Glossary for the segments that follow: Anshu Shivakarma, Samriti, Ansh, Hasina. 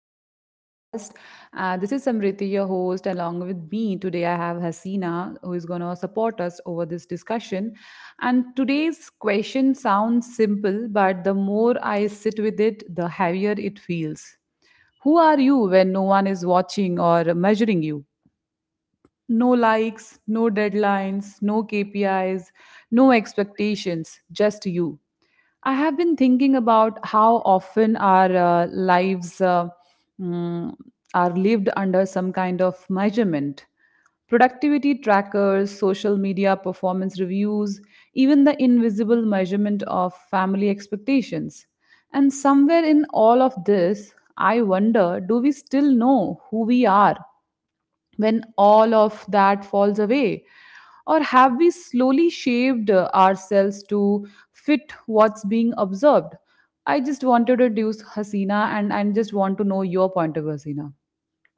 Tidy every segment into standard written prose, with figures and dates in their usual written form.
to our podcast. This is Samriti, your host. Along with me today, I have Hasina, who is going to support us over this discussion. And today's question sounds simple, but the more I sit with it, the heavier it feels. Who are you when no one is watching or measuring you? No likes, no deadlines, no KPIs, no expectations, just you. I have been thinking about how often our lives mm, are lived under some kind of measurement. Productivity trackers, social media performance reviews, even the invisible measurement of family expectations. And somewhere in all of this, I wonder, do we still know who we are when all of that falls away? Or have we slowly shaped ourselves to fit what's being observed? I just wanted to introduce Hasina, and just want to know your point of view, Hasina.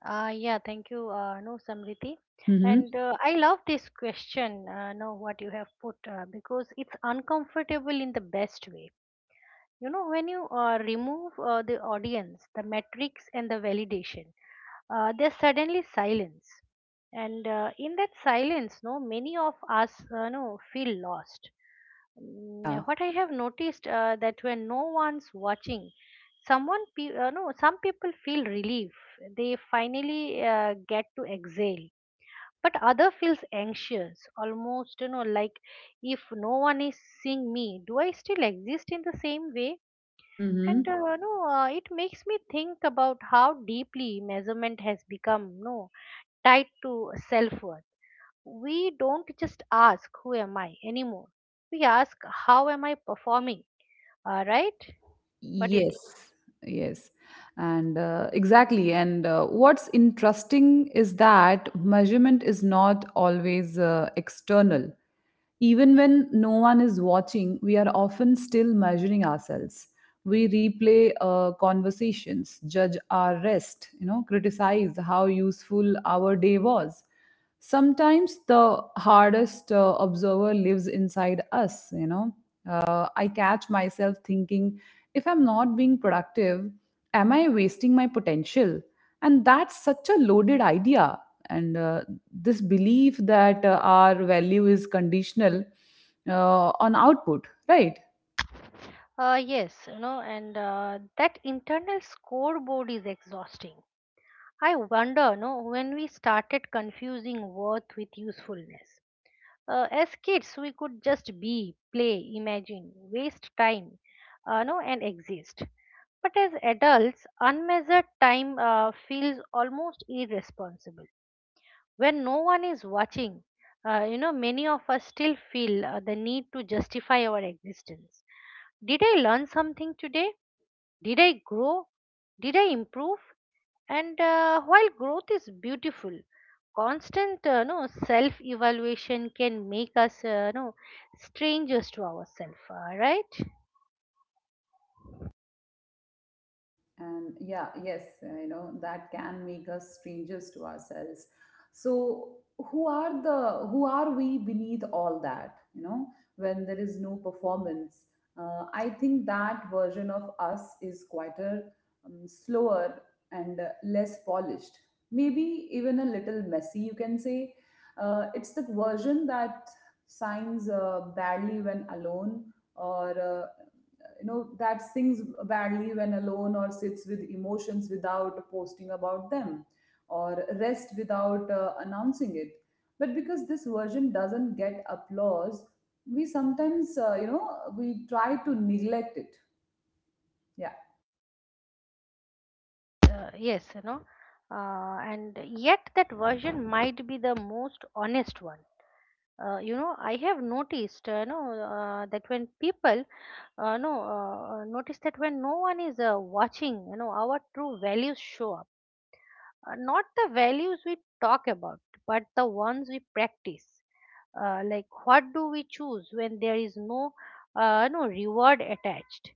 Yeah, thank you, no, Samriti. Mm-hmm. And I love this question, no, what you have put, because it's uncomfortable in the best way when you remove the audience, the metrics, and the validation. There's suddenly silence. And in that silence, many of us no feel lost. Mm, Yeah. what I have noticed, that when no one's watching, someone pe- no some people feel relief. They finally get to exhale, but other feels anxious, almost, like, if no one is seeing me, do I still exist in the same way? And Mm-hmm. No, it makes me think about how deeply measurement has become no tied to self worth. We don't just ask who am I anymore. We ask how am I performing. Right? What do you think? Yes, yes. And exactly. And what's interesting is that measurement is not always external. Even when no one is watching, we are often still measuring ourselves. We replay conversations, judge our rest, you know, criticize how useful our day was. Sometimes the hardest observer lives inside us, you know. I catch myself thinking, if I'm not being productive, am I wasting my potential? And that's such a loaded idea. And This belief that our value is conditional on output, right? Yes, you know, and that internal scoreboard is exhausting. I wonder, no, when we started confusing worth with usefulness. As kids, we could just be, play, imagine, waste time, no and exist. But as adults, unmeasured time feels almost irresponsible. When no one is watching, many of us still feel the need to justify our existence. Did I learn something today? Did I grow? Did I improve? And while growth is beautiful, constant no self evaluation can make us no strangers to ourselves, right? and yeah yes You know, that can make us strangers to ourselves. So who are we beneath all that, you know, when there is no performance? I think that version of us is quieter, slower and less polished, maybe even a little messy, you can say. It's the version that signs badly when alone, or you know, that sings badly when alone, or sits with emotions without posting about them, or rest without announcing it. But because this version doesn't get applause, we sometimes, you know, we try to neglect it. Yeah. Yes, you know. And yet that version might be the most honest one. You know, I have noticed, that when people, no, notice that when no one is watching, you know, our true values show up, not the values we talk about, but the ones we practice. Like, what do we choose when there is no reward attached?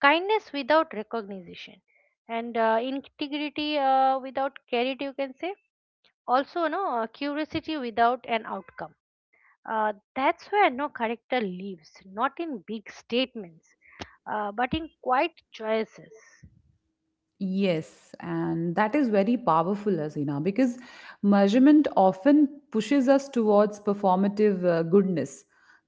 Kindness without recognition, and integrity without credit, you can say. Also, curiosity without an outcome. That's where character lives. Not in big statements, but in quiet choices. Yes, and that is very powerful, Hasina, because measurement often pushes us towards performative goodness: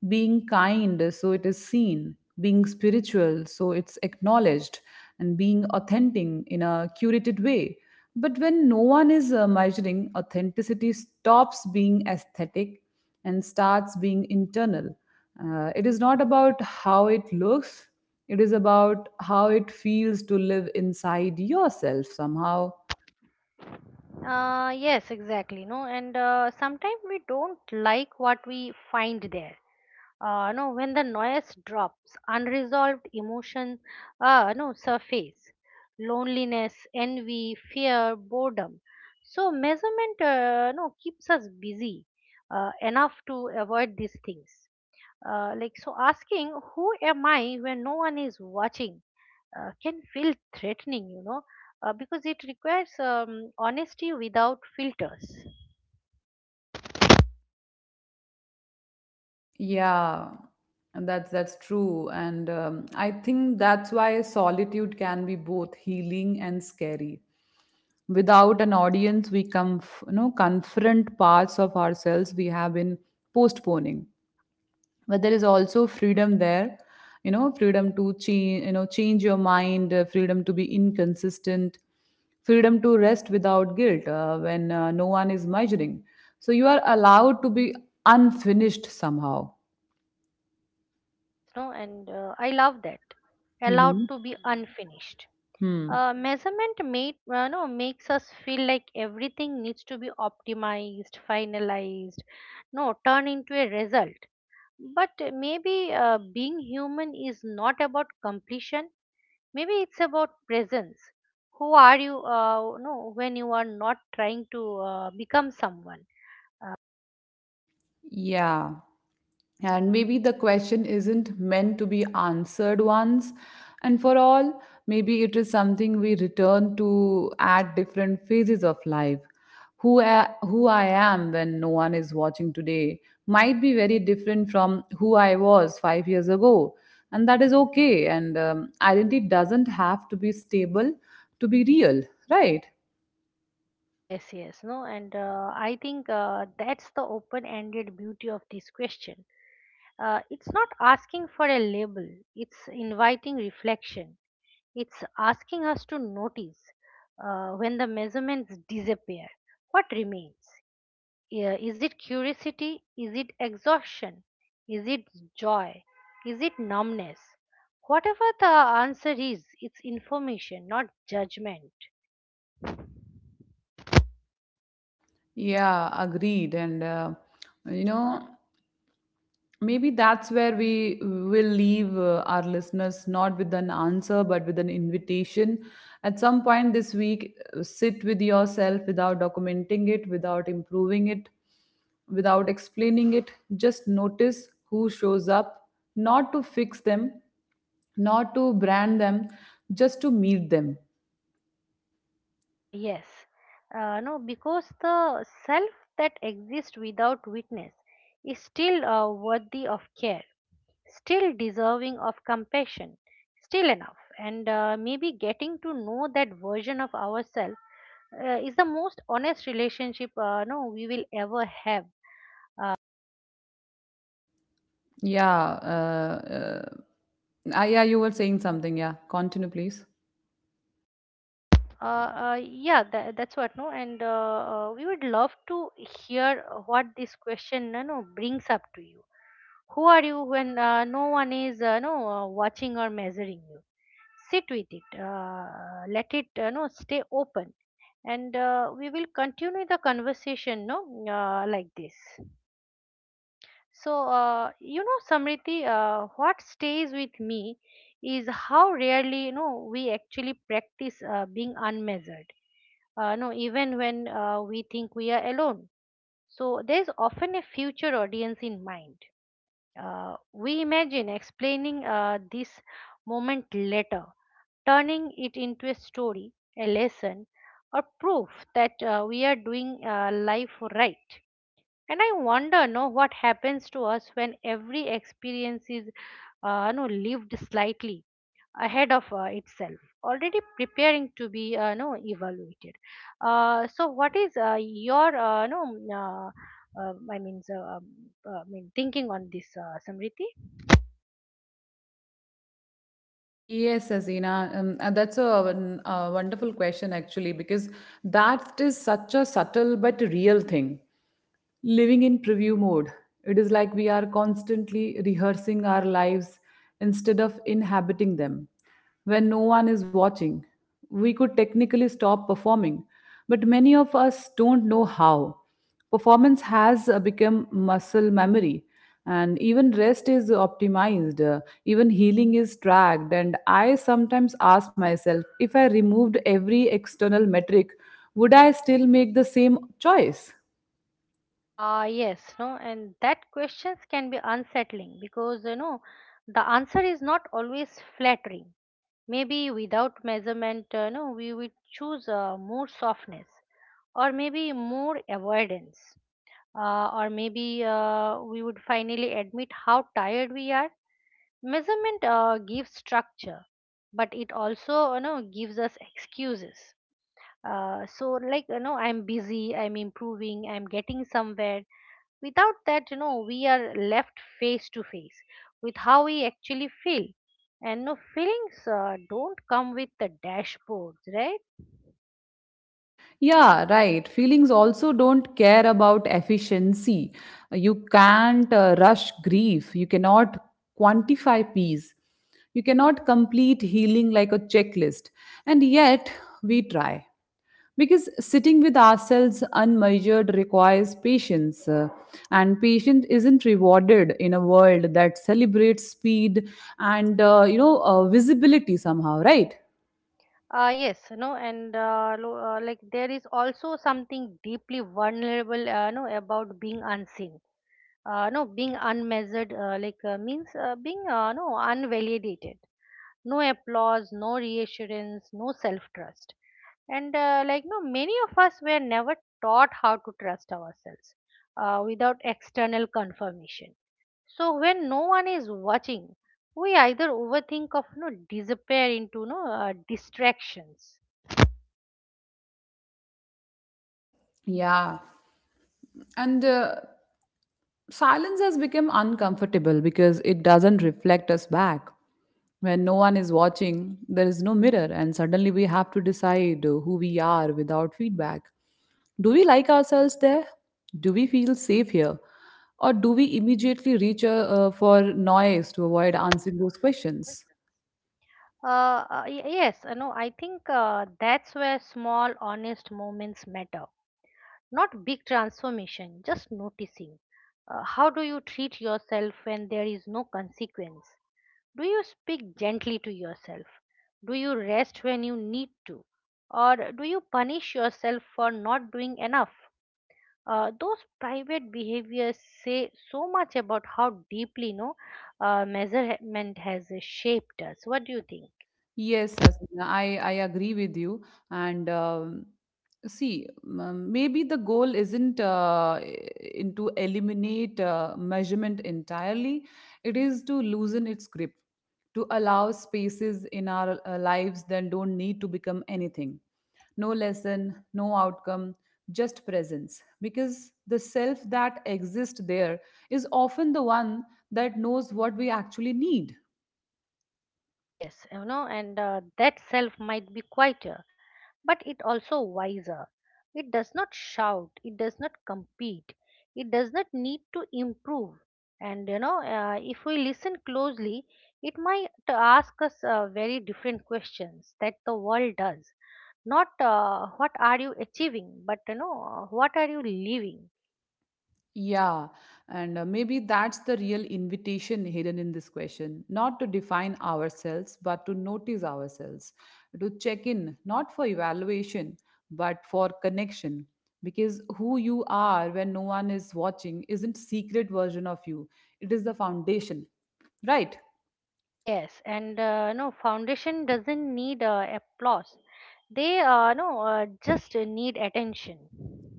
being kind, so it is seen; being spiritual, so it's acknowledged; and being authentic in a curated way. But when no one is measuring, authenticity stops being aesthetic and starts being internal. It is not about how it looks, it is about how it feels to live inside yourself somehow. Yes, exactly. No, and sometimes we don't like what we find there. No, When the noise drops, unresolved emotion, no, surface: loneliness, envy, fear, boredom. So measurement, no, keeps us busy enough to avoid these things. Like, so, asking who am I when no one is watching can feel threatening, you know, because it requires honesty without filters. Yeah, and that's true. And I think that's why solitude can be both healing and scary. Without an audience, we, come, you know, confront parts of ourselves we have been postponing. But there is also freedom there, you know, freedom to change, you know, change your mind, freedom to be inconsistent, freedom to rest without guilt when no one is measuring. So you are allowed to be unfinished somehow. Yes, no, and I love that. Allowed Hmm. to be unfinished. Hmm. Measurement made, no, makes us feel like everything needs to be optimized, finalized, no, turn into a result. But maybe being human is not about completion. Maybe it's about presence. Who are you when you are not trying to become someone? Yeah. And maybe the question isn't meant to be answered once and for all. Maybe it is something we return to at different phases of life. Who I am when no one is watching today might be very different from who I was 5 years ago. And that is okay. And identity doesn't have to be stable to be real, right? Yes, yes, no and I think that's the open ended beauty of this question. It's not asking for a label. It's inviting reflection. It's asking us to notice, when the measurements disappear, what remains. Yeah, is it curiosity? Is it exhaustion? Is it joy? Is it numbness? Whatever the answer is, it's information, not judgment. Yeah, agreed. And, you know, maybe that's where we will leave our listeners, not with an answer but with an invitation. At some point this week, sit with yourself without documenting it, without improving it, without explaining it. Just notice who shows up, not to fix them, not to brand them, just to meet them. Yes. No, Because the self that exists without witness is still worthy of care, still deserving of compassion, still enough. And maybe getting to know that version of ourselves is the most honest relationship no we will ever have. Yeah. uh, uh, yeah, you were saying something, yeah, continue please. Uh, yeah, that's what, no, and we would love to hear what this question, no, no, brings up to you. Who are you when no one is, no, watching or measuring you? Sit with it, let it, no, stay open, and we will continue the conversation, no, like this. So, you know, Samriti, what stays with me is how rarely, you know, we actually practice being unmeasured, no, even when we think we are alone. So there is often a future audience in mind. We imagine explaining this moment later, turning it into a story, a lesson, or proof that we are doing life right. And I wonder, no, what happens to us when every experience is, no, lived slightly ahead of itself, already preparing to be no evaluated. So what is your no uh, uh, um, i mean so, um, I mean, thinking on this, Samriti. Yes, Azina, and that's a a wonderful question actually, because that is such a subtle but real thing, living in preview mode. It is like we are constantly rehearsing our lives instead of inhabiting them. When no one is watching, we could technically stop performing, but many of us don't know how. Performance has become muscle memory, and even rest is optimized, even healing is tracked. And I sometimes ask myself, if I removed every external metric, would I still make the same choice? Yes, no and that questions can be unsettling, because, you know, the answer is not always flattering. Maybe without measurement, no we would choose more softness, or maybe more avoidance, or maybe we would finally admit how tired we are. Measurement gives structure, but it also, you know, gives us excuses. So, like, you know, I'm busy, I'm improving, I'm getting somewhere. Without that, you know, we are left face to face with how we actually feel. And feelings don't come with the dashboards, right? Yeah, right. Feelings also don't care about efficiency. You can't rush grief. You cannot quantify peace. You cannot complete healing like a checklist. And yet, we try. Because sitting with ourselves unmeasured requires patience, and patience isn't rewarded in a world that celebrates speed and, you know, visibility somehow, right? Yes, no, and like, there is also something deeply vulnerable, about being unseen. No, Being unmeasured, like, means being unvalidated: no applause, no reassurance, no self-trust, and like, no, many of us were never taught how to trust ourselves without external confirmation. So when no one is watching, we either overthink of disappear into distractions. Yeah. And silence has become uncomfortable because it doesn't reflect us back. When no one is watching, there is no mirror, and suddenly we have to decide who we are without feedback. Do we like ourselves there? Do we feel safe here? Or do we immediately reach, for noise to avoid answering those questions? Yes, no, I think that's where small, honest moments matter. Not big transformation, just noticing. How do you treat yourself when there is no consequence? Do you speak gently to yourself? Do you rest when you need to? Or do you punish yourself for not doing enough? Those private behaviors say so much about how deeply, no, measurement has shaped us. What do you think? Yes, Asmina, I agree with you. And see, maybe the goal isn't in to eliminate measurement entirely. It is to loosen its grip, to allow spaces in our lives that don't need to become anything. No lesson, no outcome, just presence. Because the self that exists there is often the one that knows what we actually need. Yes, you know, and that self might be quieter, but it also wiser. It does not shout, it does not compete, it does not need to improve. And you know, if we listen closely, it might ask us very different questions that the world does. Not what are you achieving, but, you know, what are you living? Yeah, and maybe that's the real invitation hidden in this question, not to define ourselves, but to notice ourselves, to check in, not for evaluation, but for connection. Because who you are when no one is watching isn't secret version of you, it is the foundation, right? Yes, and foundation doesn't need applause. They no just need attention.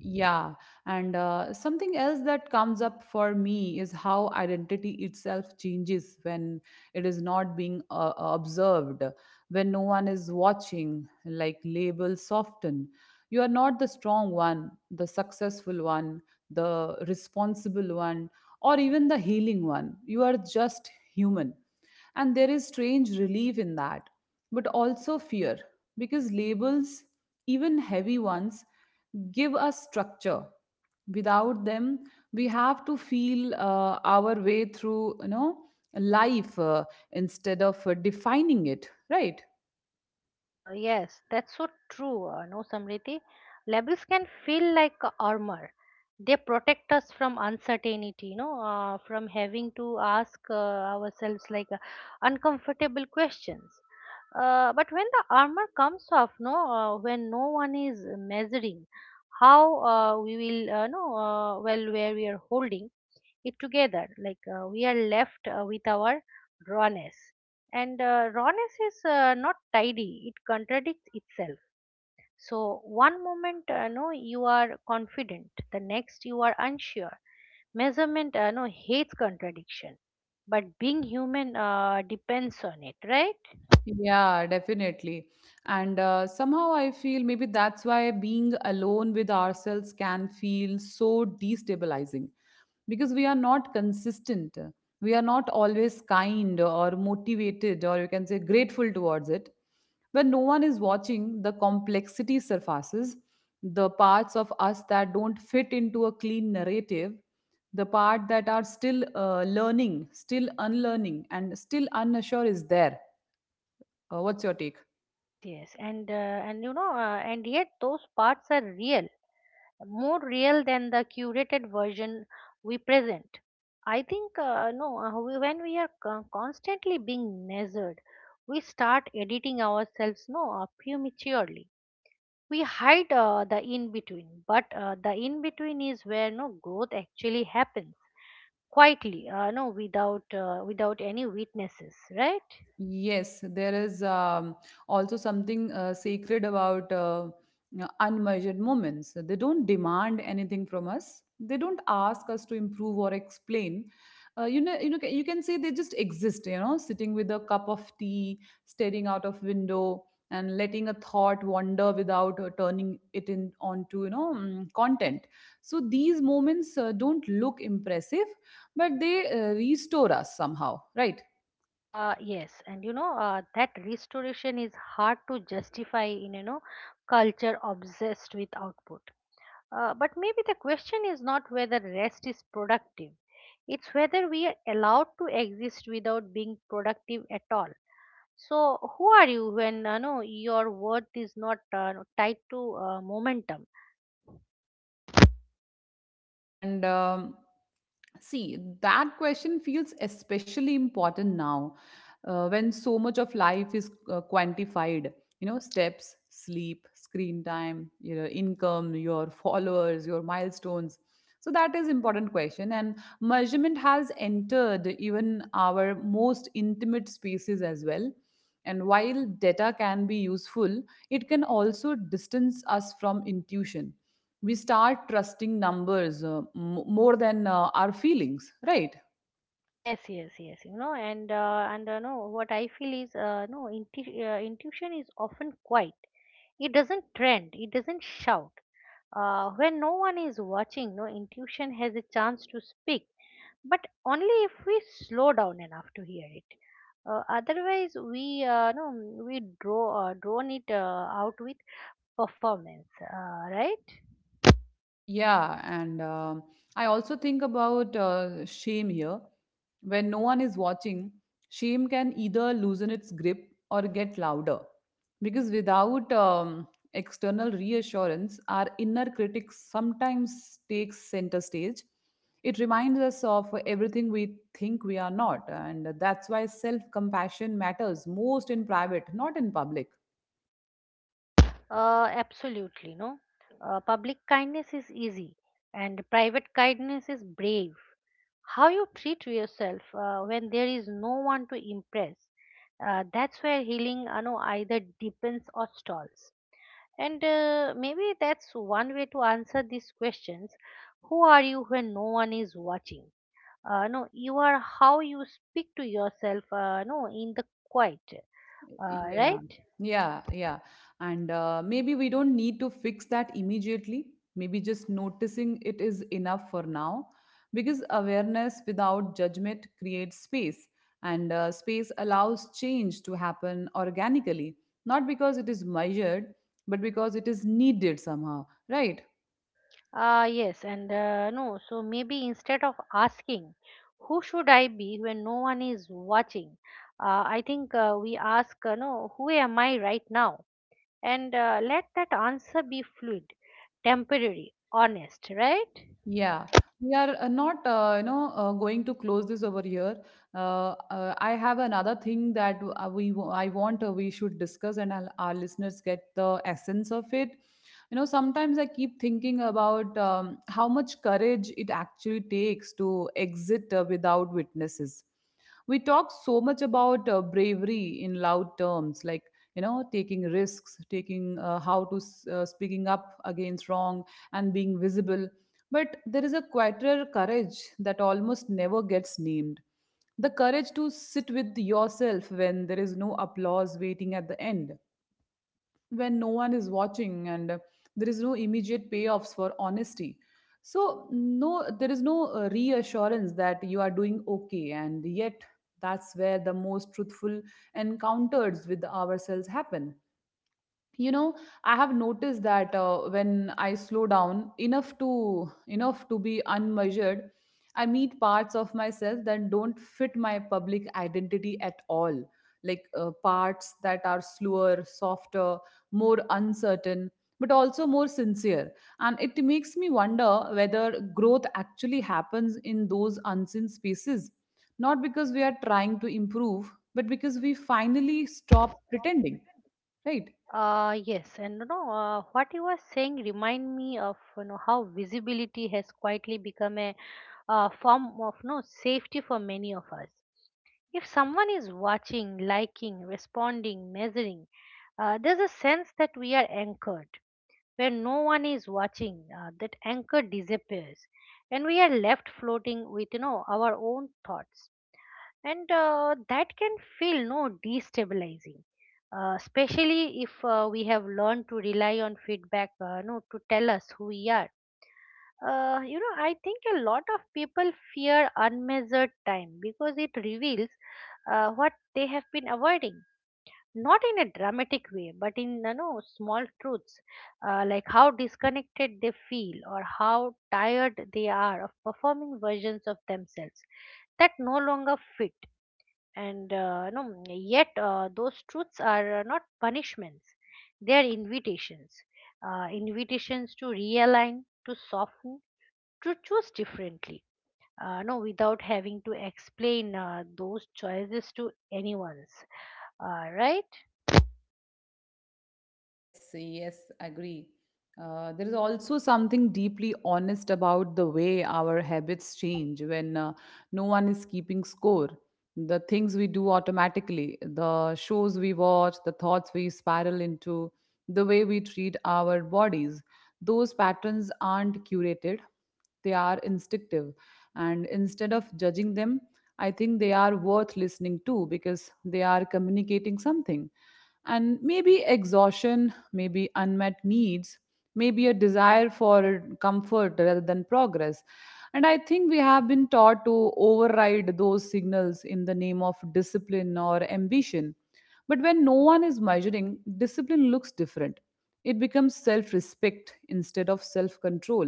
Yeah, and something else that comes up for me is how identity itself changes when it is not being observed. When no one is watching, like, labels soften. You are not the strong one, the successful one, the responsible one, or even the healing one. You are just human. And there is strange relief in that, but also fear, because labels, even heavy ones, give us structure. Without them, we have to feel our way through, you know, life, instead of defining it, right? Yes, that's so true. No, Samriti. Labels can feel like a armor. They protect us from uncertainty, you know, from having to ask ourselves, like, uncomfortable questions. But when the armor comes off, when no one is measuring how we will, no, well, where we are holding, it together, like, we are left with our rawness. And rawness is not tidy. It contradicts itself. So one moment no you are confident, the next you are unsure. Measurement no hates contradiction, but being human depends on it, right? Yeah, definitely. And somehow I feel maybe that's why being alone with ourselves can feel so destabilizing, because we are not consistent. We are not always kind or motivated, or you can say grateful towards it. When no one is watching, the complexity surfaces, the parts of us that don't fit into a clean narrative, the part that are still learning, still unlearning, and still unsure is there. What's your take? Yes, yes, and you know, and yet those parts are real, more real than the curated version we present. I think no, we- when we are constantly being measured, we start editing ourselves no prematurely. We hide the in between, but the in between is where no growth actually happens quietly, without any witnesses, right? Yes, there is also something sacred about, you know, unmeasured moments. They don't demand anything from us. They don't ask us to improve or explain. You can say they just exist. You know, sitting with a cup of tea, staring out of window, and letting a thought wander without turning it in onto, you know, content. So these moments don't look impressive, but they restore us somehow, right? Yes, and you know, that restoration is hard to justify in, you know, culture obsessed with output. But maybe the question is not whether rest is productive; it's whether we are allowed to exist without being productive at all. So, who are you when, you know, your worth is not tied to momentum? And See, that question feels especially important now, when so much of life is quantified, you know: steps, sleep, screen time, you know, income, your followers, your milestones. So that is important question, and measurement has entered even our most intimate spaces as well. And while data can be useful, it can also distance us from intuition. We start trusting numbers, more than our feelings, right? Yes, yes, yes. You know, and no, what I feel is, no, intu intuition is often quiet. It doesn't trend. It doesn't shout. When no one is watching, no intuition has a chance to speak, but only if we slow down enough to hear it. Otherwise, we no, we draw drone it out with performance, right? Yeah, and I also think about shame here. When no one is watching, shame can either loosen its grip or get louder, because without external reassurance, our inner critic sometimes takes center stage. It reminds us of everything we think we are not, and that's why self compassion matters most in private, not in public. Absolutely, no. Public kindness is easy, and private kindness is brave. How you treat yourself when there is no one to impress, that's where healing, you know, either deepens or stalls. And maybe that's one way to answer these questions: who are you when no one is watching? No You are how you speak to yourself no in the quiet, uh, Yeah, right yeah, yeah. And maybe we don't need to fix that immediately. Maybe just noticing it is enough for now, because awareness without judgment creates space, and space allows change to happen organically, not because it is measured, but because it is needed somehow, right? Ah, yes, and no, so maybe instead of asking, who should I be when no one is watching, I think we ask, no, who am I right now? And let that answer be fluid, temporary, honest, right? Yeah, we are, not, you know, going to close this over here. I have another thing that I want, we should discuss, and our listeners get the essence of it. You know, sometimes I keep thinking about, how much courage it actually takes to exit without witnesses. We talk so much about bravery in loud terms, like, you know, taking risks, taking how to s- speaking up against wrong, and being visible. But there is a quieter courage that almost never gets named: the courage to sit with yourself when there is no applause waiting at the end, when no one is watching, and there is no immediate payoffs for honesty. So, no, there is no reassurance that you are doing okay, and yet that's where the most truthful encounters with ourselves happen you know i have noticed that when I slow down enough to be unmeasured, I meet parts of myself that don't fit my public identity at all, like parts that are slower, softer, more uncertain, but also more sincere. And it makes me wonder whether growth actually happens in those unseen spaces, not because we are trying to improve but because we finally stop pretending, right? Yes, and what you were saying remind me of how visibility has quietly become a form of no safety for many of us. If someone is watching, liking, responding, measuring, there's a sense that we are anchored. Where no one is watching, that anchor disappears, and we are left floating with our own thoughts, and that can feel no destabilizing, especially if we have learned to rely on feedback, no, to tell us who we are. I think a lot of people fear unmeasured time because it reveals what they have been avoiding, not in a dramatic way but in small truths, like how disconnected they feel or how tired they are of performing versions of themselves that no longer fit, and no yet those truths are not punishments, they are invitations, invitations to realign, to soften, to choose differently, no, without having to explain those choices to anyone's, all right. Yes, yes, agree. There is also something deeply honest about the way our habits change when no one is keeping score. The things we do automatically, the shows we watch, the thoughts we spiral into, the way we treat our bodies, those patterns aren't curated, they are instinctive. And instead of judging them, I think they are worth listening to because they are communicating something, and maybe exhaustion, maybe unmet needs, maybe a desire for comfort rather than progress. And I think we have been taught to override those signals in the name of discipline or ambition. But when no one is measuring, discipline looks different. It becomes self respect instead of self control.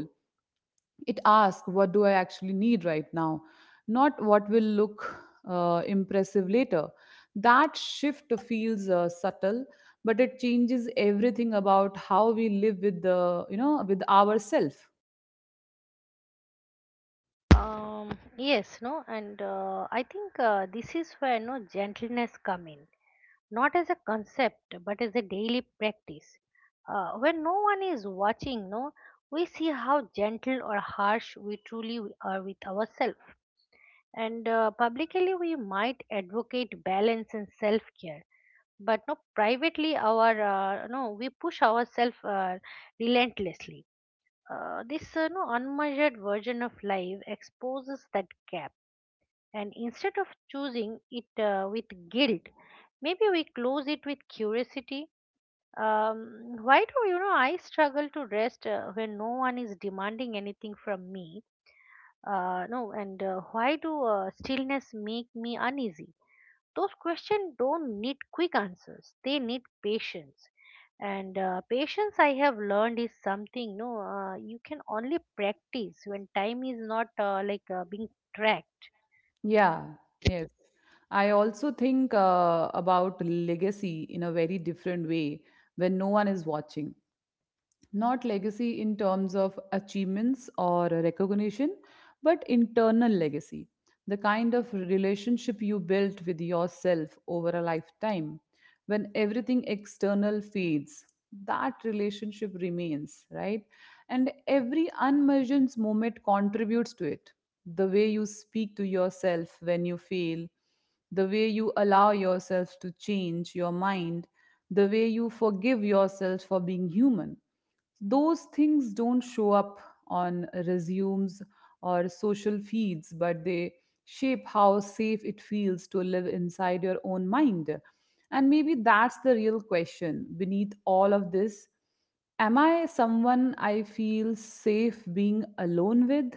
It asks, what do I actually need right now, not what will look impressive later? That shift feels subtle, but it changes everything about how we live with the, you know, with ourselves." Yes, no, and I think this is where no gentleness come in, not as a concept but as a daily practice. When no one is watching, no, we see how gentle or harsh we truly are with ourselves. And publicly, we might advocate balance and self-care, but no, privately, our no, we push ourselves relentlessly. This no, unmeasured version of life exposes that gap, and instead of choosing it with guilt, maybe we close it with curiosity. Why do I struggle to rest when no one is demanding anything from me? No, and why do stillness make me uneasy? Those questions don't need quick answers, they need patience, and patience I have learned is something no you can only practice when time is not being tracked. Yeah. Yes, I also think about legacy in a very different way when no one is watching. Not legacy in terms of achievements or recognition, but internal legacy, the kind of relationship you built with yourself over a lifetime. When everything external fades, that relationship remains, right? And every unmeasured moment contributes to it. The way you speak to yourself when you fail, the way you allow yourself to change your mind, the way you forgive yourself for being human, those things don't show up on resumes or social feeds, but they shape how safe it feels to live inside your own mind. And maybe that's the real question beneath all of this. Am I someone I feel safe being alone with?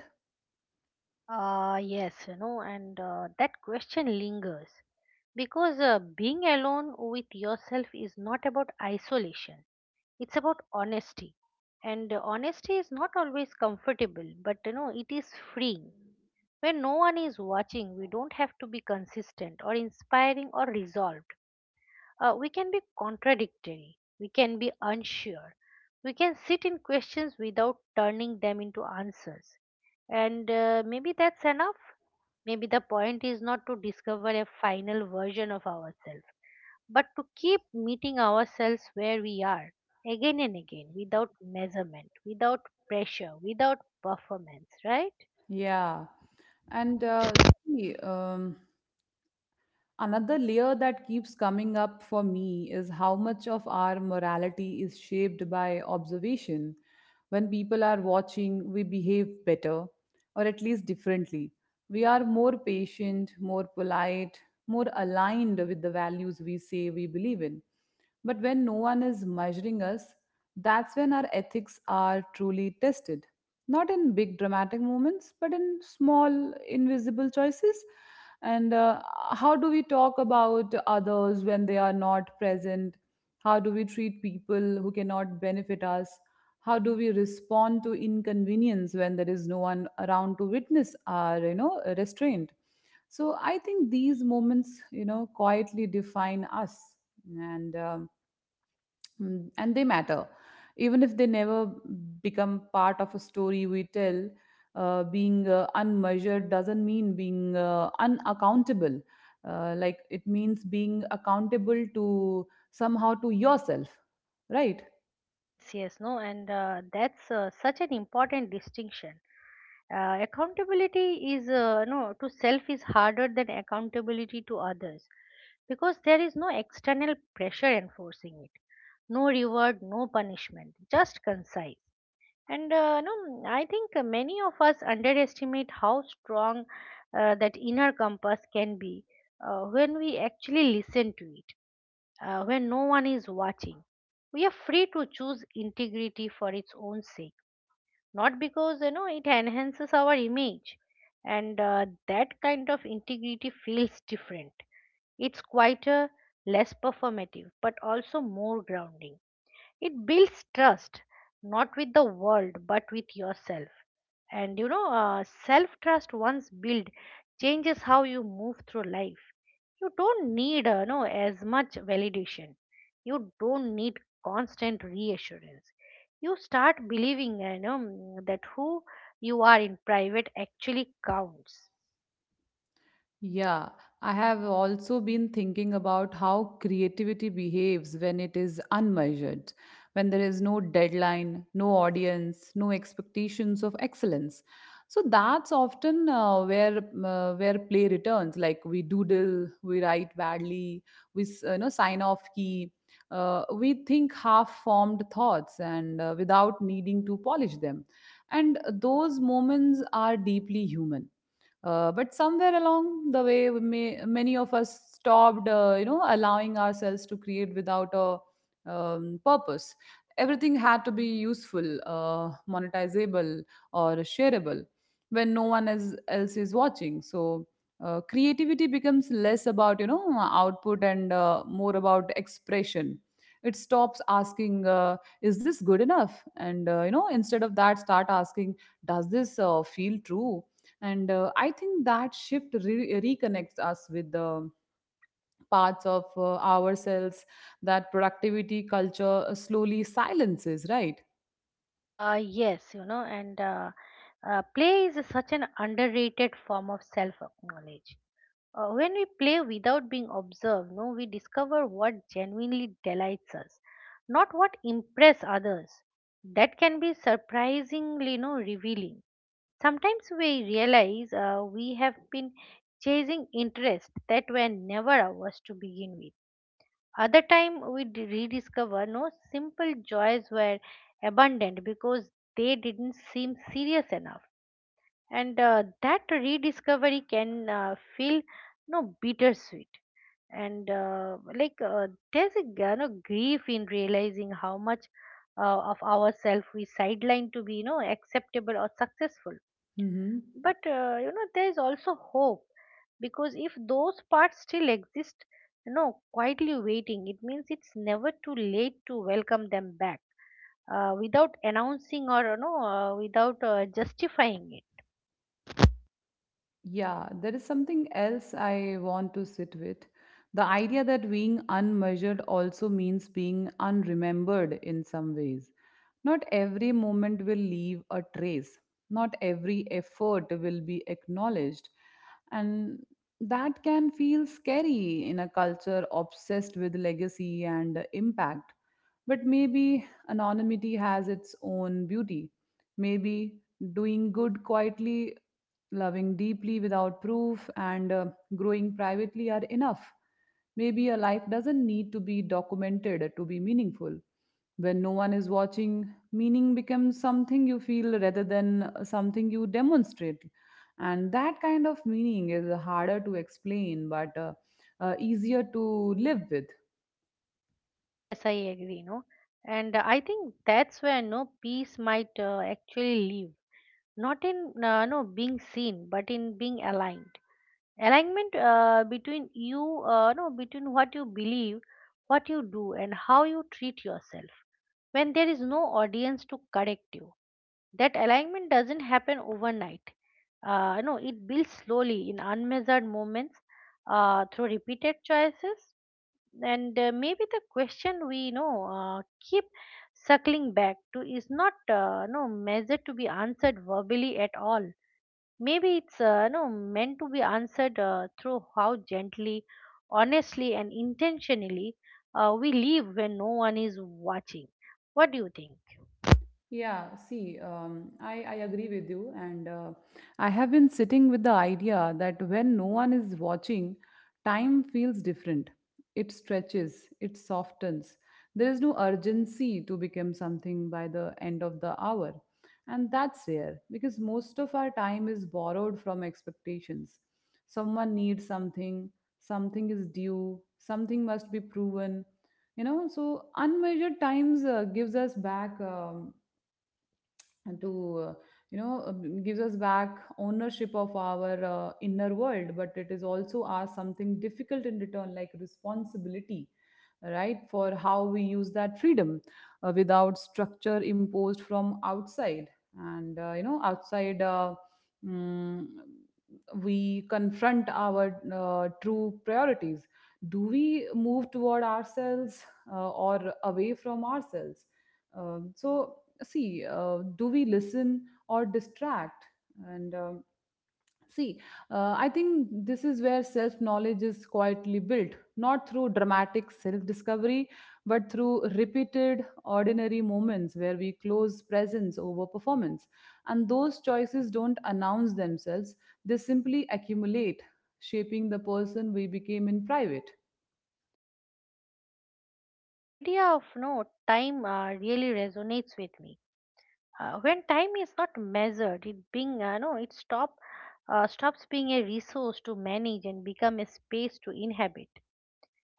Yes, and that question lingers because being alone with yourself is not about isolation, it's about honesty. And honesty is not always comfortable, but it is freeing. When no one is watching, we don't have to be consistent or inspiring or resolved. We can be contradictory, we can be unsure, we can sit in questions without turning them into answers. And maybe that's enough. Maybe the point is not to discover a final version of ourselves, but to keep meeting ourselves where we are, again and again, without measurement, without pressure, without performance, right? Yeah. And see, another layer that keeps coming up for me is how much of our morality is shaped by observation. When people are watching, we behave better, or at least differently. We are more patient, more polite, more aligned with the values we say we believe in. But when no one is measuring us, that's when our ethics are truly tested. Not in big dramatic moments, but in small, invisible choices. And How do we talk about others when they are not present? How do we treat people who cannot benefit us? How do we respond to inconvenience when there is no one around to witness our, you know, restraint? So I think these moments, you know, quietly define us. And Mm, and they matter, even if they never become part of a story we tell. Being unmeasured doesn't mean being unaccountable. Like, it means being accountable to somehow to yourself, right? Yes, yes, no, and that's such an important distinction. Accountability is no to self is harder than accountability to others, because there is no external pressure enforcing it, no reward, no punishment, just concise. And no, I think many of us underestimate how strong that inner compass can be when we actually listen to it, when no one is watching. We are free to choose integrity for its own sake, not because it enhances our image. And that kind of integrity feels different. It's quieter, less performative, but also more grounding. It builds trust, not with the world, but with yourself. And self trust once built changes how you move through life. You don't need, no, as much validation. You don't need constant reassurance. You start believing, that who you are in private actually counts. Yeah, I have also been thinking about how creativity behaves when it is unmeasured, when there is no deadline, no audience, no expectations of excellence. So that's often where play returns. Like, we doodle, we write badly, we you know, sign off key, we think half-formed thoughts, and without needing to polish them. And those moments are deeply human. But somewhere along the way, many of us stopped, you know, allowing ourselves to create without a purpose. Everything had to be useful, monetizable, or shareable when no one is, else is watching. So creativity becomes less about, you know, output and more about expression. It stops asking, "Is this good enough?" and, you know, instead of that, start asking, "Does this feel true?" And I think that shift reconnects us with the parts of ourselves that productivity culture slowly silences, right? Yes, and play is such an underrated form of self knowledge. When we play without being observed, no, we discover what genuinely delights us, not what impress others. That can be surprisingly, no, revealing. Sometimes we realize we have been chasing interests that were never ours to begin with. Other time we rediscover, no, simple joys were abundant because they didn't seem serious enough, and that rediscovery can feel, no, bittersweet, and there's a grief in realizing how much of ourselves we sideline to be acceptable or successful. Hmm. But there is also hope, because if those parts still exist, quietly waiting, it means it's never too late to welcome them back, without announcing or without justifying it. Yeah, there is something else I want to sit with. The idea that being unmeasured also means being unremembered in some ways. Not every moment will leave a trace, not every effort will be acknowledged. And that can feel scary in a culture obsessed with legacy and impact. But maybe anonymity has its own beauty. Maybe doing good quietly, loving deeply without proof, and growing privately are enough. Maybe a life doesn't need to be documented to be meaningful. When no one is watching, meaning becomes something you feel rather than something you demonstrate. And that kind of meaning is harder to explain, but easier to live with. Yes, I agree. No, know, and I think that's where no peace might actually live, not in no being seen but in being aligned. Alignment between you no between what you believe, what you do, and how you treat yourself, when there is no audience to correct you. That alignment doesn't happen overnight. It builds slowly in unmeasured moments, through repeated choices. And maybe the question we keep circling back to is not no measured to be answered verbally at all. Maybe it's no meant to be answered through how gently, honestly, and intentionally we live when no one is watching. What do you think? Yeah, see, I agree with you. And I have been sitting with the idea that when no one is watching, time feels different. It stretches, it softens. There is no urgency to become something by the end of the hour. And that's rare because most of our time is borrowed from expectations. Someone needs something, something is due, something must be proven. You know, so unmeasured times gives us back, and to you know, gives us back ownership of our inner world, but it is also asked something difficult in return, like responsibility, right, for how we use that freedom without structure imposed from outside. And, you know, outside, mm, we confront our true priorities. Do we move toward ourselves or away from ourselves? So, see, do we listen or distract? And see I think this is where self knowledge is quietly built, not through dramatic self discovery, but through repeated ordinary moments where we close presence over performance. And those choices don't announce themselves, they simply accumulate, shaping the person we became in private. Idea of no time really resonates with me. When time is not measured, it being no, it stop stops being a resource to manage and become a space to inhabit.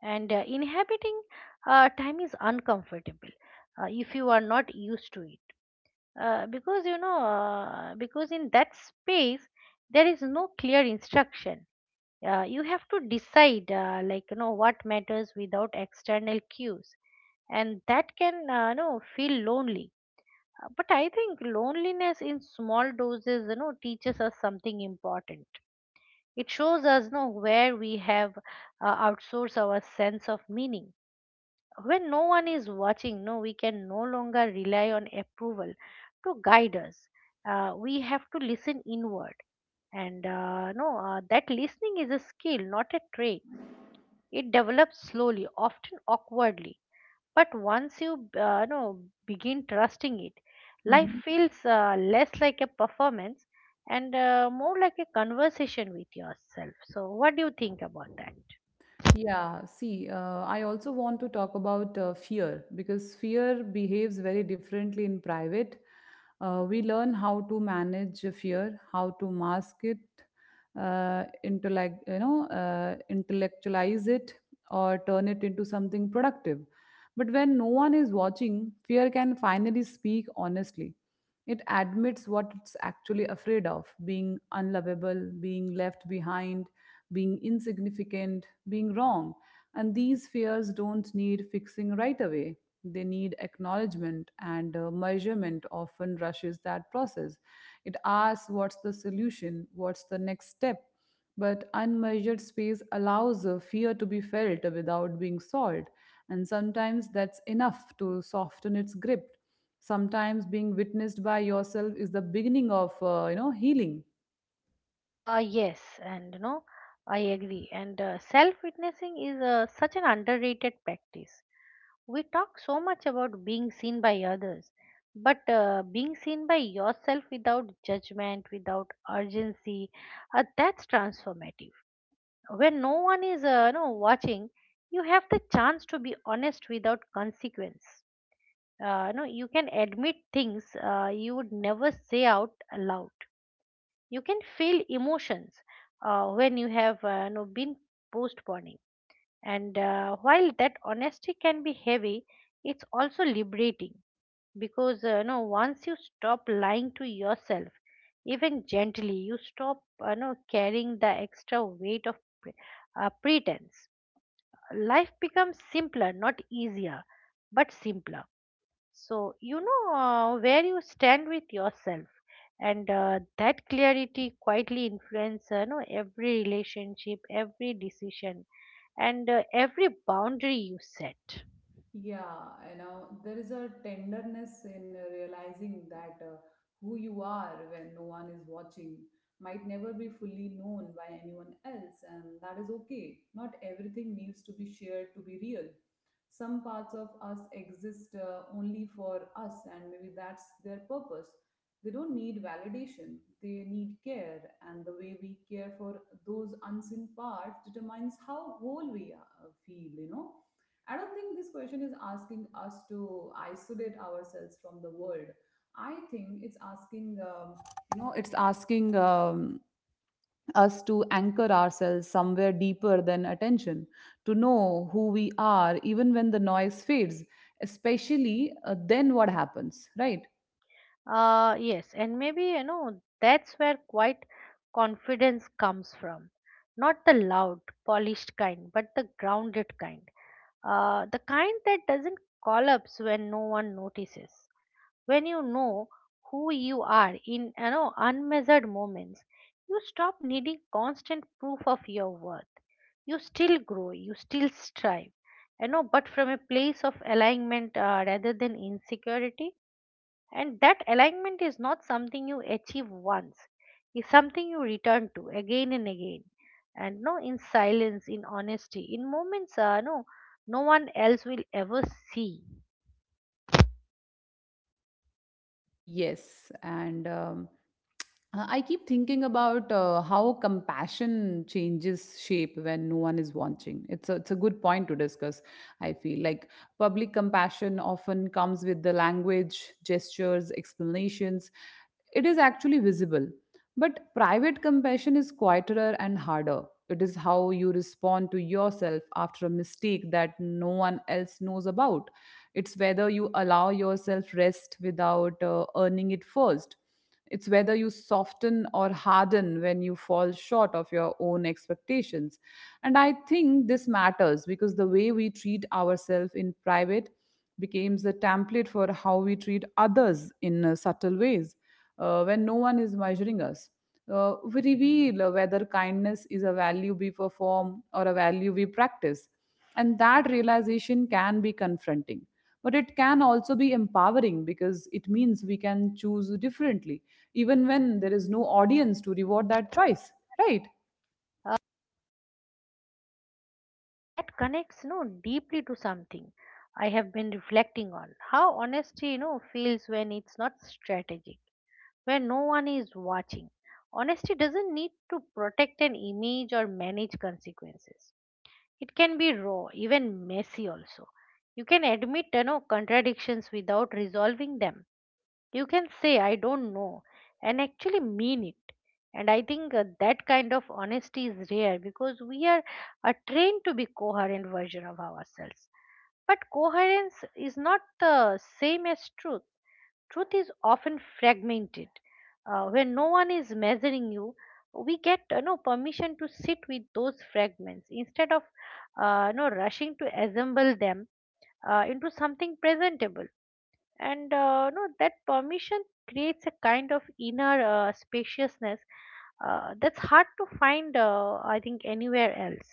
And inhabiting time is uncomfortable if you are not used to it, because you know because in that space there is no clear instruction. You have to decide what matters without external cues, and that can feel lonely. But I think loneliness in small doses teaches us something important. It shows us where we have outsourced our sense of meaning. When no one is watching, no, we can no longer rely on approval to guide us. We have to listen inward, and no that listening is a skill, not a trait. It develops slowly, often awkwardly, but once you no begin trusting it, life Mm-hmm. feels less like a performance and more like a conversation with yourself. So what do you think about that? Yeah, see, I also want to talk about fear, because fear behaves very differently in private. We learn how to manage fear, how to mask it, into like, you know, intellectualize it or turn it into something productive. But when no one is watching, fear can finally speak honestly. It admits what it's actually afraid of: being unlovable, being left behind, being insignificant, being wrong. And these fears don't need fixing right away. They need acknowledgement, and measurement often rushes that process. It asks, what's the solution, what's the next step? But unmeasured space allows a fear to be felt without being solved, and sometimes that's enough to soften its grip. Sometimes being witnessed by yourself is the beginning of, you know, healing. Yes, I agree. And self-witnessing is such an underrated practice. We talk so much about being seen by others, but being seen by yourself without judgment, without urgency, that's transformative. When no one is, watching, you have the chance to be honest without consequence. You can admit things you would never say out aloud. You can feel emotions when you have been postponing. And while that honesty can be heavy, it's also liberating, because once you stop lying to yourself, even gently, you stop carrying the extra weight of pre- pretense. Life becomes simpler, not easier, but simpler. So, where you stand with yourself, and that clarity quietly influences every relationship, every decision, and every boundary you set. Yeah, you know, there is a tenderness in realizing that who you are when no one is watching might never be fully known by anyone else, and that is okay. Not everything needs to be shared to be real. Some parts of us exist only for us, and maybe that's their purpose. They don't need validation, they need care, and the way we care for those unseen parts determines how whole we are, feel, you know. I don't think this question is asking us to isolate ourselves from the world. I think it's asking, you know, it's asking um, us to anchor ourselves somewhere deeper than attention, to know who we are, even when the noise fades, especially then what happens, right? Yes, and maybe that's where quiet confidence comes from. Not the loud, polished kind, but the grounded kind. The kind that doesn't collapse when no one notices. When who you are in unmeasured moments, you stop needing constant proof of your worth. You still grow, you still strive, but from a place of alignment, rather than insecurity. And that alignment is not something you achieve once, it's something you return to again and again, and no in silence, in honesty, in moments no one else will ever see. Yes, and I keep thinking about how compassion changes shape when no one is watching. It's a good point to discuss, I feel. Like, public compassion often comes with the language, gestures, explanations. It is actually visible, but private compassion is quieter and harder. It is how you respond to yourself after a mistake that no one else knows about. It's whether you allow yourself rest without earning it first. It's whether you soften or harden when you fall short of your own expectations. And I think this matters because the way we treat ourselves in private becomes the template for how we treat others in subtle ways when no one is measuring us. We reveal whether kindness is a value we perform or a value we practice. And that realization can be confronting. But it can also be empowering because it means we can choose differently, even when there is no audience to reward that choice, right? That connects deeply to something I have been reflecting on: how honesty feels when it's not strategic. When no one is watching, honesty doesn't need to protect an image or manage consequences. It can be raw, even messy also. You can admit contradictions without resolving them. You can say, I don't know, and actually mean it. And I think that kind of honesty is rare because we are trained to be coherent version of ourselves. But coherence is not the same as truth. Truth is often fragmented. When no one is measuring you, we get permission to sit with those fragments instead of you rushing to assemble them into something presentable, and no that permission creates a kind of inner spaciousness that's hard to find, I think, anywhere else.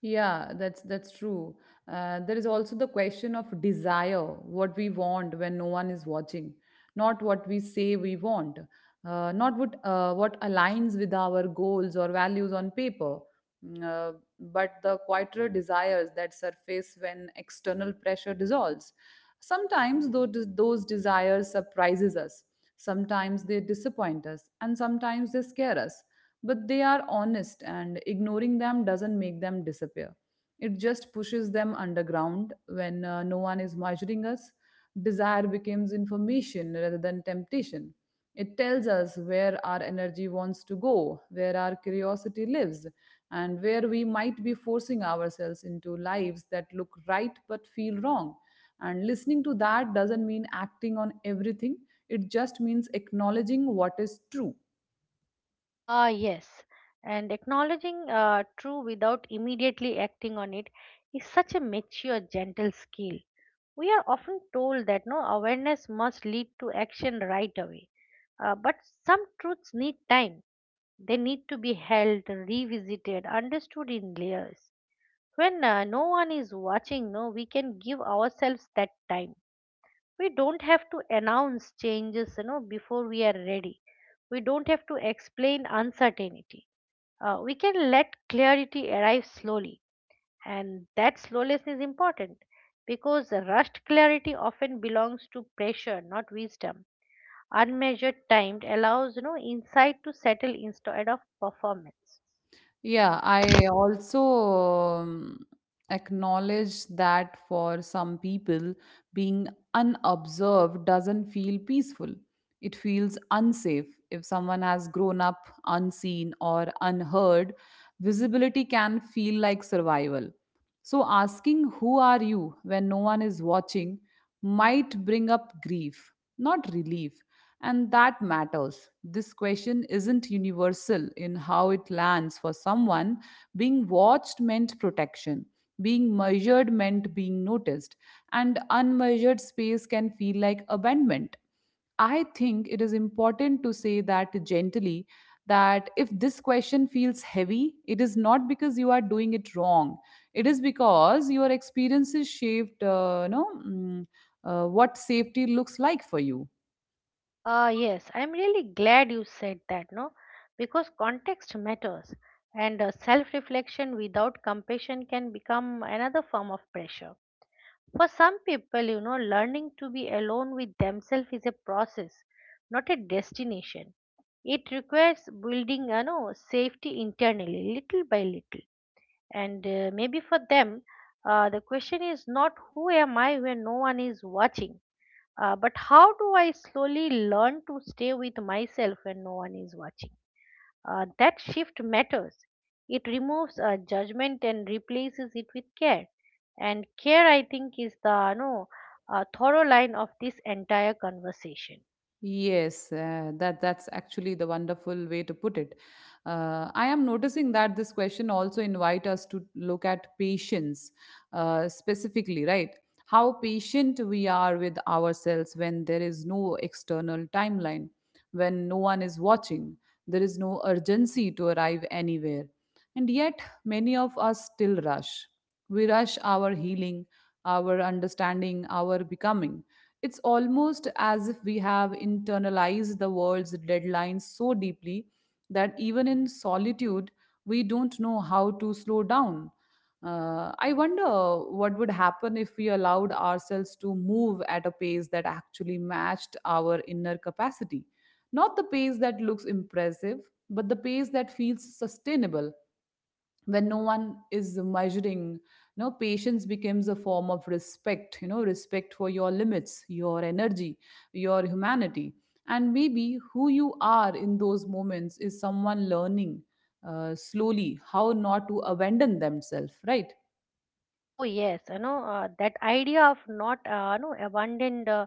Yeah, that's true. There is also the question of desire, what we want when no one is watching, not what we say we want, not what what aligns with our goals or values on paper, mm, uh, but the quieter desires that surface when external pressure dissolves. Sometimes though those desires surprises us. Sometimes they disappoint us, and sometimes they scare us, but they are honest, and ignoring them doesn't make them disappear. It just pushes them underground when, no one is measuring us. Desire becomes information rather than temptation. It tells us where our energy wants to go, where our curiosity lives, and where we might be forcing ourselves into lives that look right but feel wrong. And listening to that doesn't mean acting on everything, it just means acknowledging what is true. Ah, yes. And acknowledging true without immediately acting on it is such a mature, gentle skill. We are often told that no awareness must lead to action right away. But some truths need time. They need to be held, revisited, understood in layers. When no one is watching, no we can give ourselves that time. We don't have to announce changes, before we are ready. We don't have to explain uncertainty. We can let clarity arrive slowly, and that slowness is important, because rushed clarity often belongs to pressure, not wisdom. Unmeasured time allows, insight to settle instead of performance. Yeah, I also um, acknowledge that for some people, being unobserved doesn't feel peaceful. It feels unsafe. If someone has grown up unseen or unheard, visibility can feel like survival. So, asking who are you when no one is watching might bring up grief, not relief. And that matters. This question isn't universal in how it lands for someone. Being watched meant protection, being measured meant being noticed, and unmeasured space can feel like abandonment. I think it is important to say that gently that if this question feels heavy, it is not because you are doing it wrong. It is because your experiences shaped, what safety looks like for you. Ah, yes, I'm really glad you said that, no? Because context matters, and self reflection without compassion can become another form of pressure. For some people, learning to be alone with themselves is a process, not a destination. It requires building, safety internally, little by little. And maybe for them, the question is not who am I when no one is watching, but how do I slowly learn to stay with myself when no one is watching? That shift matters. It removes judgment and replaces it with care. And care, I think, is the no thorough line of this entire conversation. Yes, that's actually the wonderful way to put it. I am noticing that this question also invite us to look at patience, specifically, right? How patient we are with ourselves when there is no external timeline, when no one is watching, there is no urgency to arrive anywhere, and yet many of us still rush. We rush our healing, our understanding, our becoming. It's almost as if we have internalized the world's deadlines so deeply that even in solitude, we don't know how to slow down. I wonder what would happen if we allowed ourselves to move at a pace that actually matched our inner capacity. Not the pace that looks impressive, but the pace that feels sustainable when no one is measuring. You know, patience becomes a form of respect, you know, respect for your limits, your energy, your humanity. And maybe who you are in those moments is someone learning slowly how not to abandon themselves, right? Oh yes, you know, that idea of not no abandoned,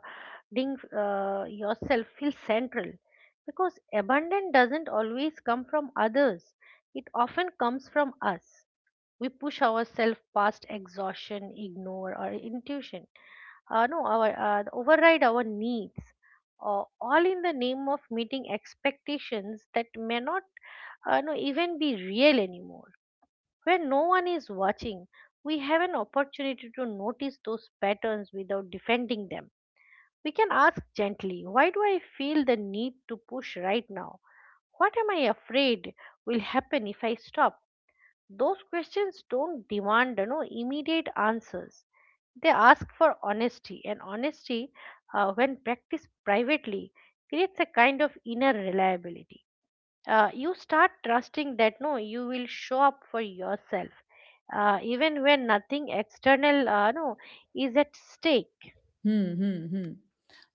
ding yourself feel central, because abundance doesn't always come from others, it often comes from us. We push ourselves past exhaustion, ignore our intuition, no our, override our needs, all in the name of meeting expectations that may not, no, even be real anymore. When no one is watching, we have an opportunity to notice those patterns without defending them. We can ask gently, why do I feel the need to push right now? What am I afraid will happen if I stop? Those questions don't demand, immediate answers. They ask for honesty, and honesty, when practiced privately, creates a kind of inner reliability. You start trusting that no, you will show up for yourself, even when nothing external, no, is at stake. Hmm, hmm, hmm.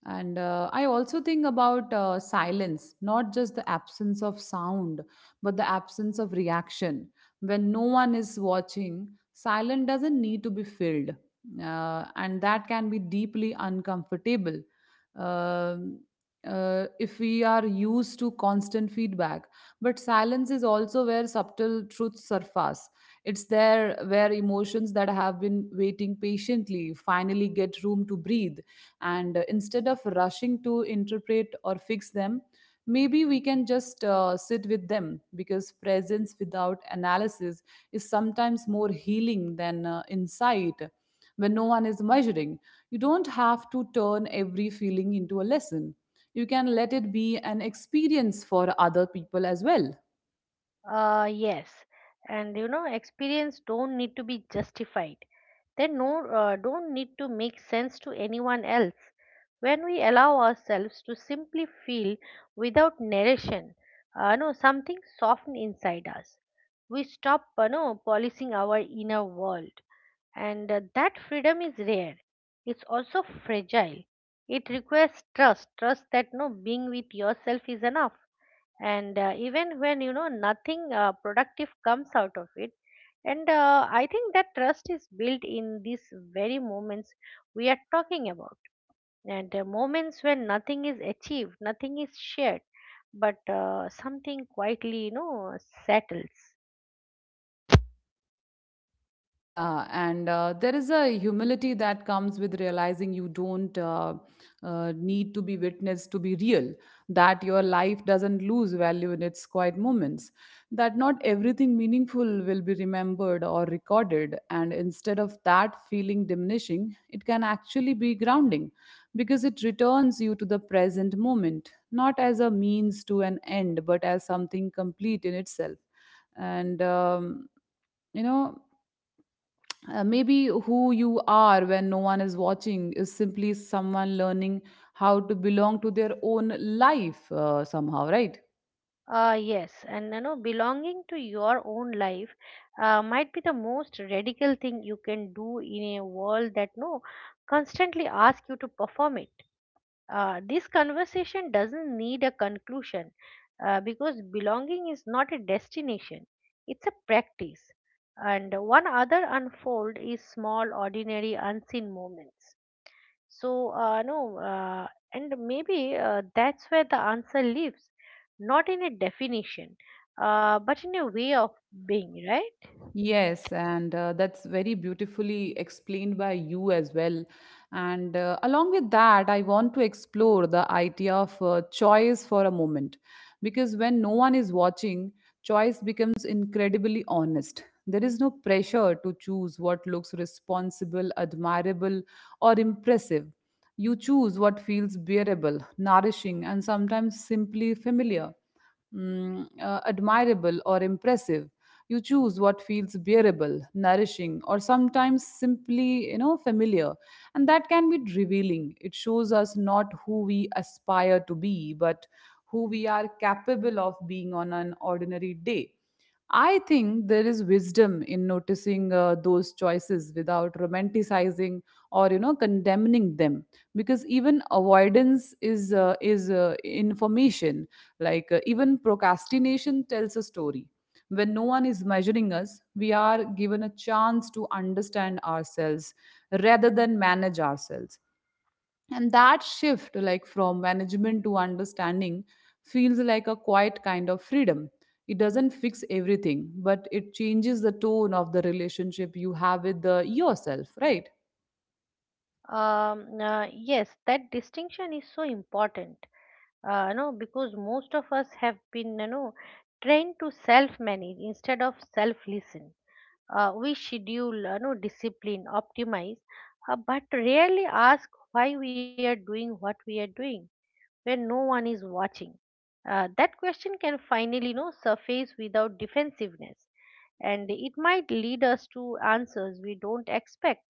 And I also think about silence, not just the absence of sound, but the absence of reaction. When no one is watching, silence doesn't need to be filled. And that can be deeply uncomfortable. Um, if we are used to constant feedback, but silence is also where subtle truths surface. It's there where emotions that have been waiting patiently finally get room to breathe. And instead of rushing to interpret or fix them, maybe we can just sit with them, because presence without analysis is sometimes more healing than insight when no one is measuring. You don't have to turn every feeling into a lesson. You can let it be an experience for other people as well. Yes, and you know, experience don't need to be justified. They don't need to make sense to anyone else. When we allow ourselves to simply feel without narration, no, something softens inside us. We stop, no, policing our inner world, and that freedom is rare. It's also fragile. It requires trust, trust that no being with yourself is enough, and even when you know nothing productive comes out of it. And I think that trust is built in these very moments we are talking about, and moments when nothing is achieved, nothing is shared, but something quietly, you know, settles. Yeah, and there is a humility that comes with realizing you don't need to be witnessed to be real, that your life doesn't lose value in its quiet moments, that not everything meaningful will be remembered or recorded, and instead of that feeling diminishing, it can actually be grounding because it returns you to the present moment, not as a means to an end, but as something complete in itself. And you know maybe who you are when no one is watching is simply someone learning how to belong to their own life, somehow, right? Yes, and you know, belonging to your own life might be the most radical thing you can do in a world that no constantly asks you to perform it. This conversation doesn't need a conclusion, because belonging is not a destination, it's a practice. And one other unfold is small, ordinary, unseen moments. So, no, and maybe that's where the answer lives, not in a definition, but in a way of being, right? Yes, and that's very beautifully explained by you as well. And along with that, I want to explore the idea of choice for a moment. Because when no one is watching, choice becomes incredibly honest. There is no pressure to choose what looks responsible, admirable, or impressive. You choose what feels bearable, nourishing, and sometimes simply familiar. Admirable or impressive, you choose what feels bearable, nourishing, or sometimes simply, you know, familiar. And that can be revealing. It shows us not who we aspire to be, but who we are capable of being on an ordinary day. I think there is wisdom in noticing those choices without romanticizing or, you know, condemning them, because even avoidance is information. Like, even procrastination tells a story. When no one is measuring us, we are given a chance to understand ourselves rather than manage ourselves, and that shift, like from management to understanding, feels like a quiet kind of freedom. It doesn't fix everything, but it changes the tone of the relationship you have with the yourself, right? Yes, that distinction is so important, no because most of us have been, you know, trained to self manage instead of self listen. We schedule, you know, discipline, optimize, but rarely ask why we are doing what we are doing. When no one is watching, that question can finally, you know, surface without defensiveness, and it might lead us to answers we don't expect.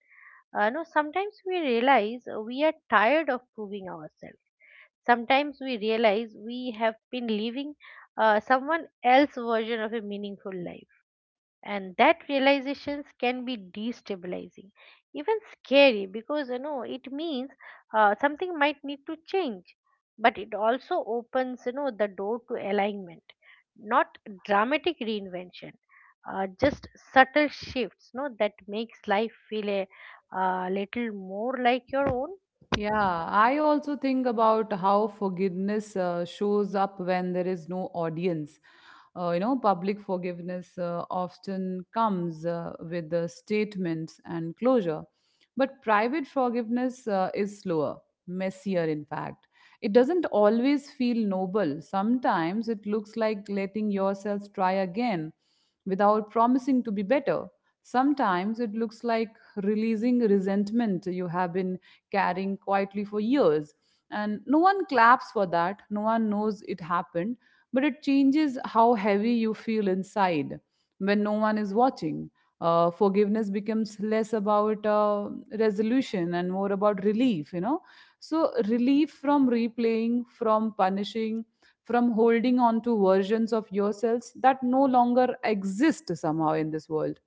No Sometimes we realize we are tired of proving ourselves. Sometimes we realize we have been living someone else's version of a meaningful life, and that realizations can be destabilizing, even scary, because you know it means something might need to change. But it also opens, you know, the door to alignment, not dramatic reinvention, just subtle shifts, no, that makes life feel a little more like your own. Yeah, I also think about how forgiveness shows up when there is no audience. You know, public forgiveness often comes with the statements and closure, but private forgiveness is slower, messier, in fact. It doesn't always feel noble. Sometimes it looks like letting yourself try again without promising to be better. Sometimes it looks like releasing resentment you have been carrying quietly for years. And no one claps for that, no one knows it happened, but it changes how heavy you feel inside when no one is watching. Forgiveness becomes less about resolution and more about relief, you know. So, relief from replaying, from punishing, from holding on to versions of yourselves that no longer exist somehow in this world.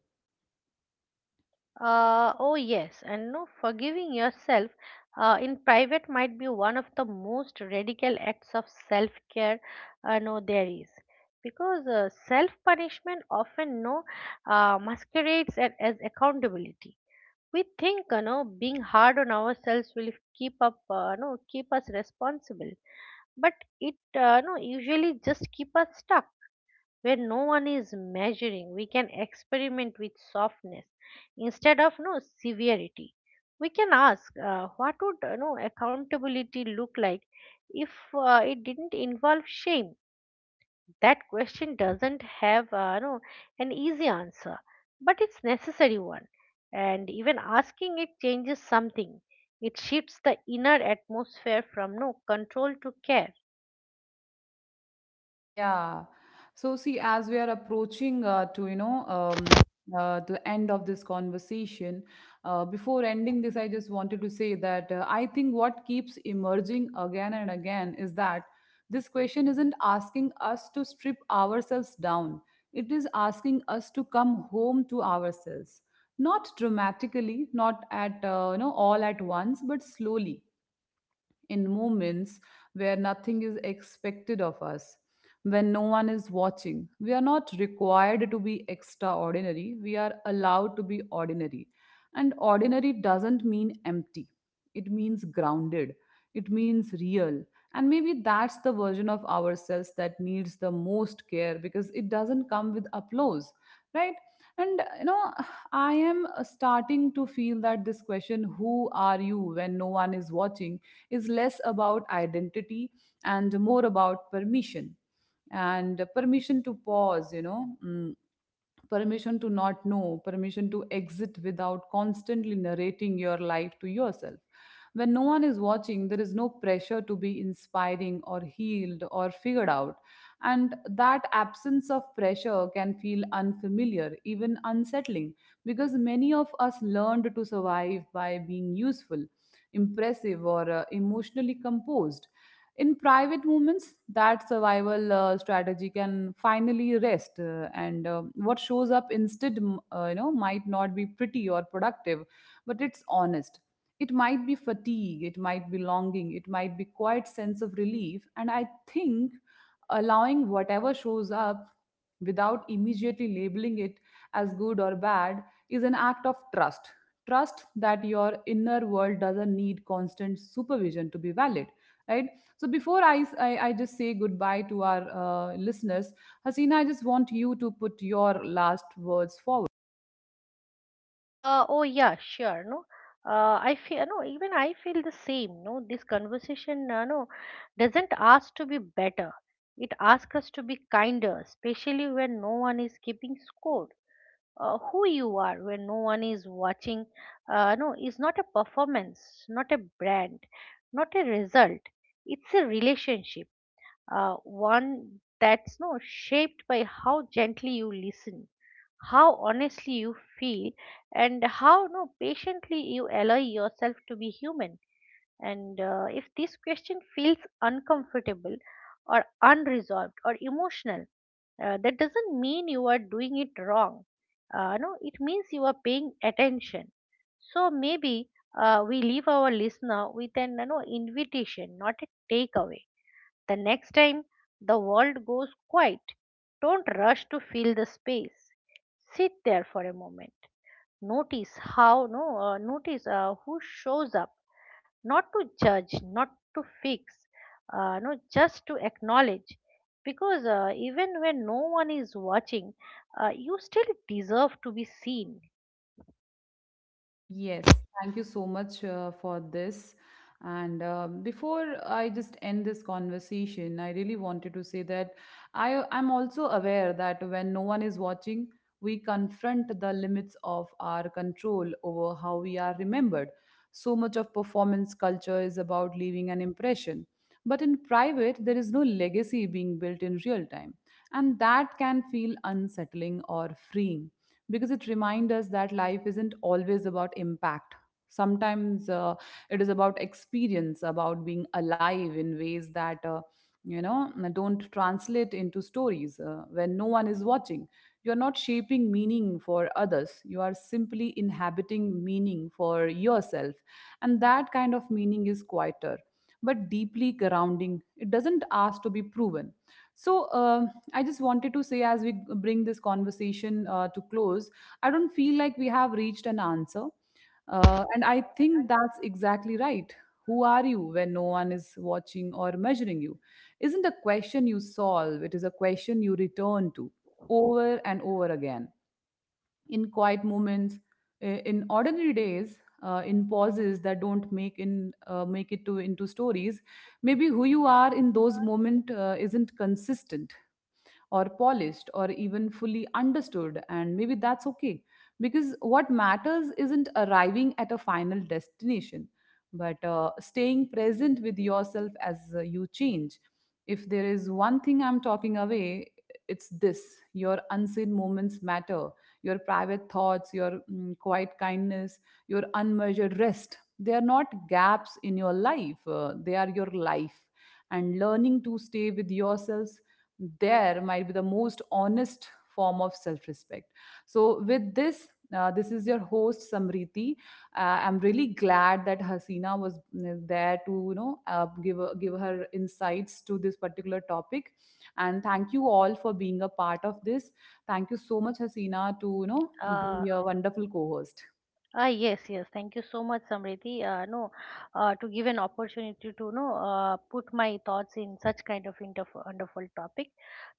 Oh yes, and no, forgiving yourself in private might be one of the most radical acts of self-care. No, there is Because self-punishment often no masquerades at, as accountability. We think, you know, being hard on ourselves will keep up, no, keep us responsible, but it, no, usually just keep us stuck. Where no one is measuring, we can experiment with softness instead of no severity. We can ask, what would, you know, accountability look like if it didn't involve shame? That question doesn't have no an easy answer, but it's necessary one, and even asking it changes something. It shifts the inner atmosphere from no control to care. Yeah. So see, as we are approaching to you know the end of this conversation, before ending this, I just wanted to say that I think what keeps emerging again and again is that this question isn't asking us to strip ourselves down. It is asking us to come home to ourselves, not dramatically, not at, you know, all at once, but slowly in moments where nothing is expected of us, when no one is watching. We are not required to be extraordinary, we are allowed to be ordinary. And ordinary doesn't mean empty, it means grounded, it means real. And maybe that's the version of ourselves that needs the most care because it doesn't come with applause, right? And you know, I am starting to feel that this question, who are you when no one is watching, is less about identity and more about permission, and permission to pause, permission to not know, permission to exit without constantly narrating your life to yourself. When no one is watching, there is no pressure to be inspiring or healed or figured out. And that absence of pressure can feel unfamiliar, even unsettling, because many of us learned to survive by being useful, impressive, or emotionally composed. In private moments, that survival strategy can finally rest, and what shows up instead, might not be pretty or productive, but it's honest. It might be fatigue, it might be longing, it might be quiet sense of relief, and I think allowing whatever shows up without immediately labeling it as good or bad is an act of trust. Trust that your inner world doesn't need constant supervision to be valid, right? So before I just say goodbye to our listeners, Hasina, I just want you to put your last words forward. Oh yeah, sure. No, I feel no. Even I feel the same. No, This conversation, doesn't ask to be better. It asks us to be kinder, especially when no one is keeping score. Who you are when no one is watching, no, is not a performance, not a brand, not a result. It's a relationship. One that's no shaped by how gently you listen, how honestly you feel, and how no patiently you allow yourself to be human. And if this question feels uncomfortable or unresolved or emotional, that doesn't mean you are doing it wrong. No It means you are paying attention. So maybe we leave our listener with an, you know, invitation, not a takeaway. The next time the world goes quiet, don't rush to fill the space. Sit there for a moment. Notice how no notice who shows up, not to judge, not to fix, no just to acknowledge. Because even when no one is watching, you still deserve to be seen. Yes, thank you so much for this. And before I just end this conversation, I really wanted to say that I'm also aware that when no one is watching, we confront the limits of our control over how we are remembered. So much of performance culture is about leaving an impression, but in private, there is no legacy being built in real time, and that can feel unsettling or freeing because it reminds us that life isn't always about impact. Sometimes it is about experience, about being alive in ways that, you know, don't translate into stories when no one is watching. You're not shaping meaning for others, you are simply inhabiting meaning for yourself. And that kind of meaning is quieter but deeply grounding. It doesn't ask to be proven. So, I just wanted to say, as we bring this conversation to close, I don't feel like we have reached an answer. And I think that's exactly right. Who are you when no one is watching or measuring you? Isn't a question you solve, it is a question you return to over and over again in quiet moments, in ordinary days. In pauses that don't make it to into stories. Maybe who you are in those moments isn't consistent or polished or even fully understood, and maybe that's okay, because what matters isn't arriving at a final destination but staying present with yourself as you change. If there is one thing I'm talking away, it's this: your unseen moments matter, your private thoughts, your quiet kindness, your unmeasured rest, they are not gaps in your life, they are your life. And learning to stay with yourselves there might be the most honest form of self respect. So, with this, this is your host Samriti. Uh, I'm really glad that Hasina was there to, you know, give a- give her insights to this particular topic, and thank you all for being a part of this. Thank you so much, Hasina, to, you know, Uh, be a wonderful co-host. Ah, yes, yes. Thank you so much, Samriti. No, To give an opportunity to know, put my thoughts in such kind of inter wonderful topic.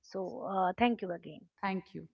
So, thank you again. Thank you.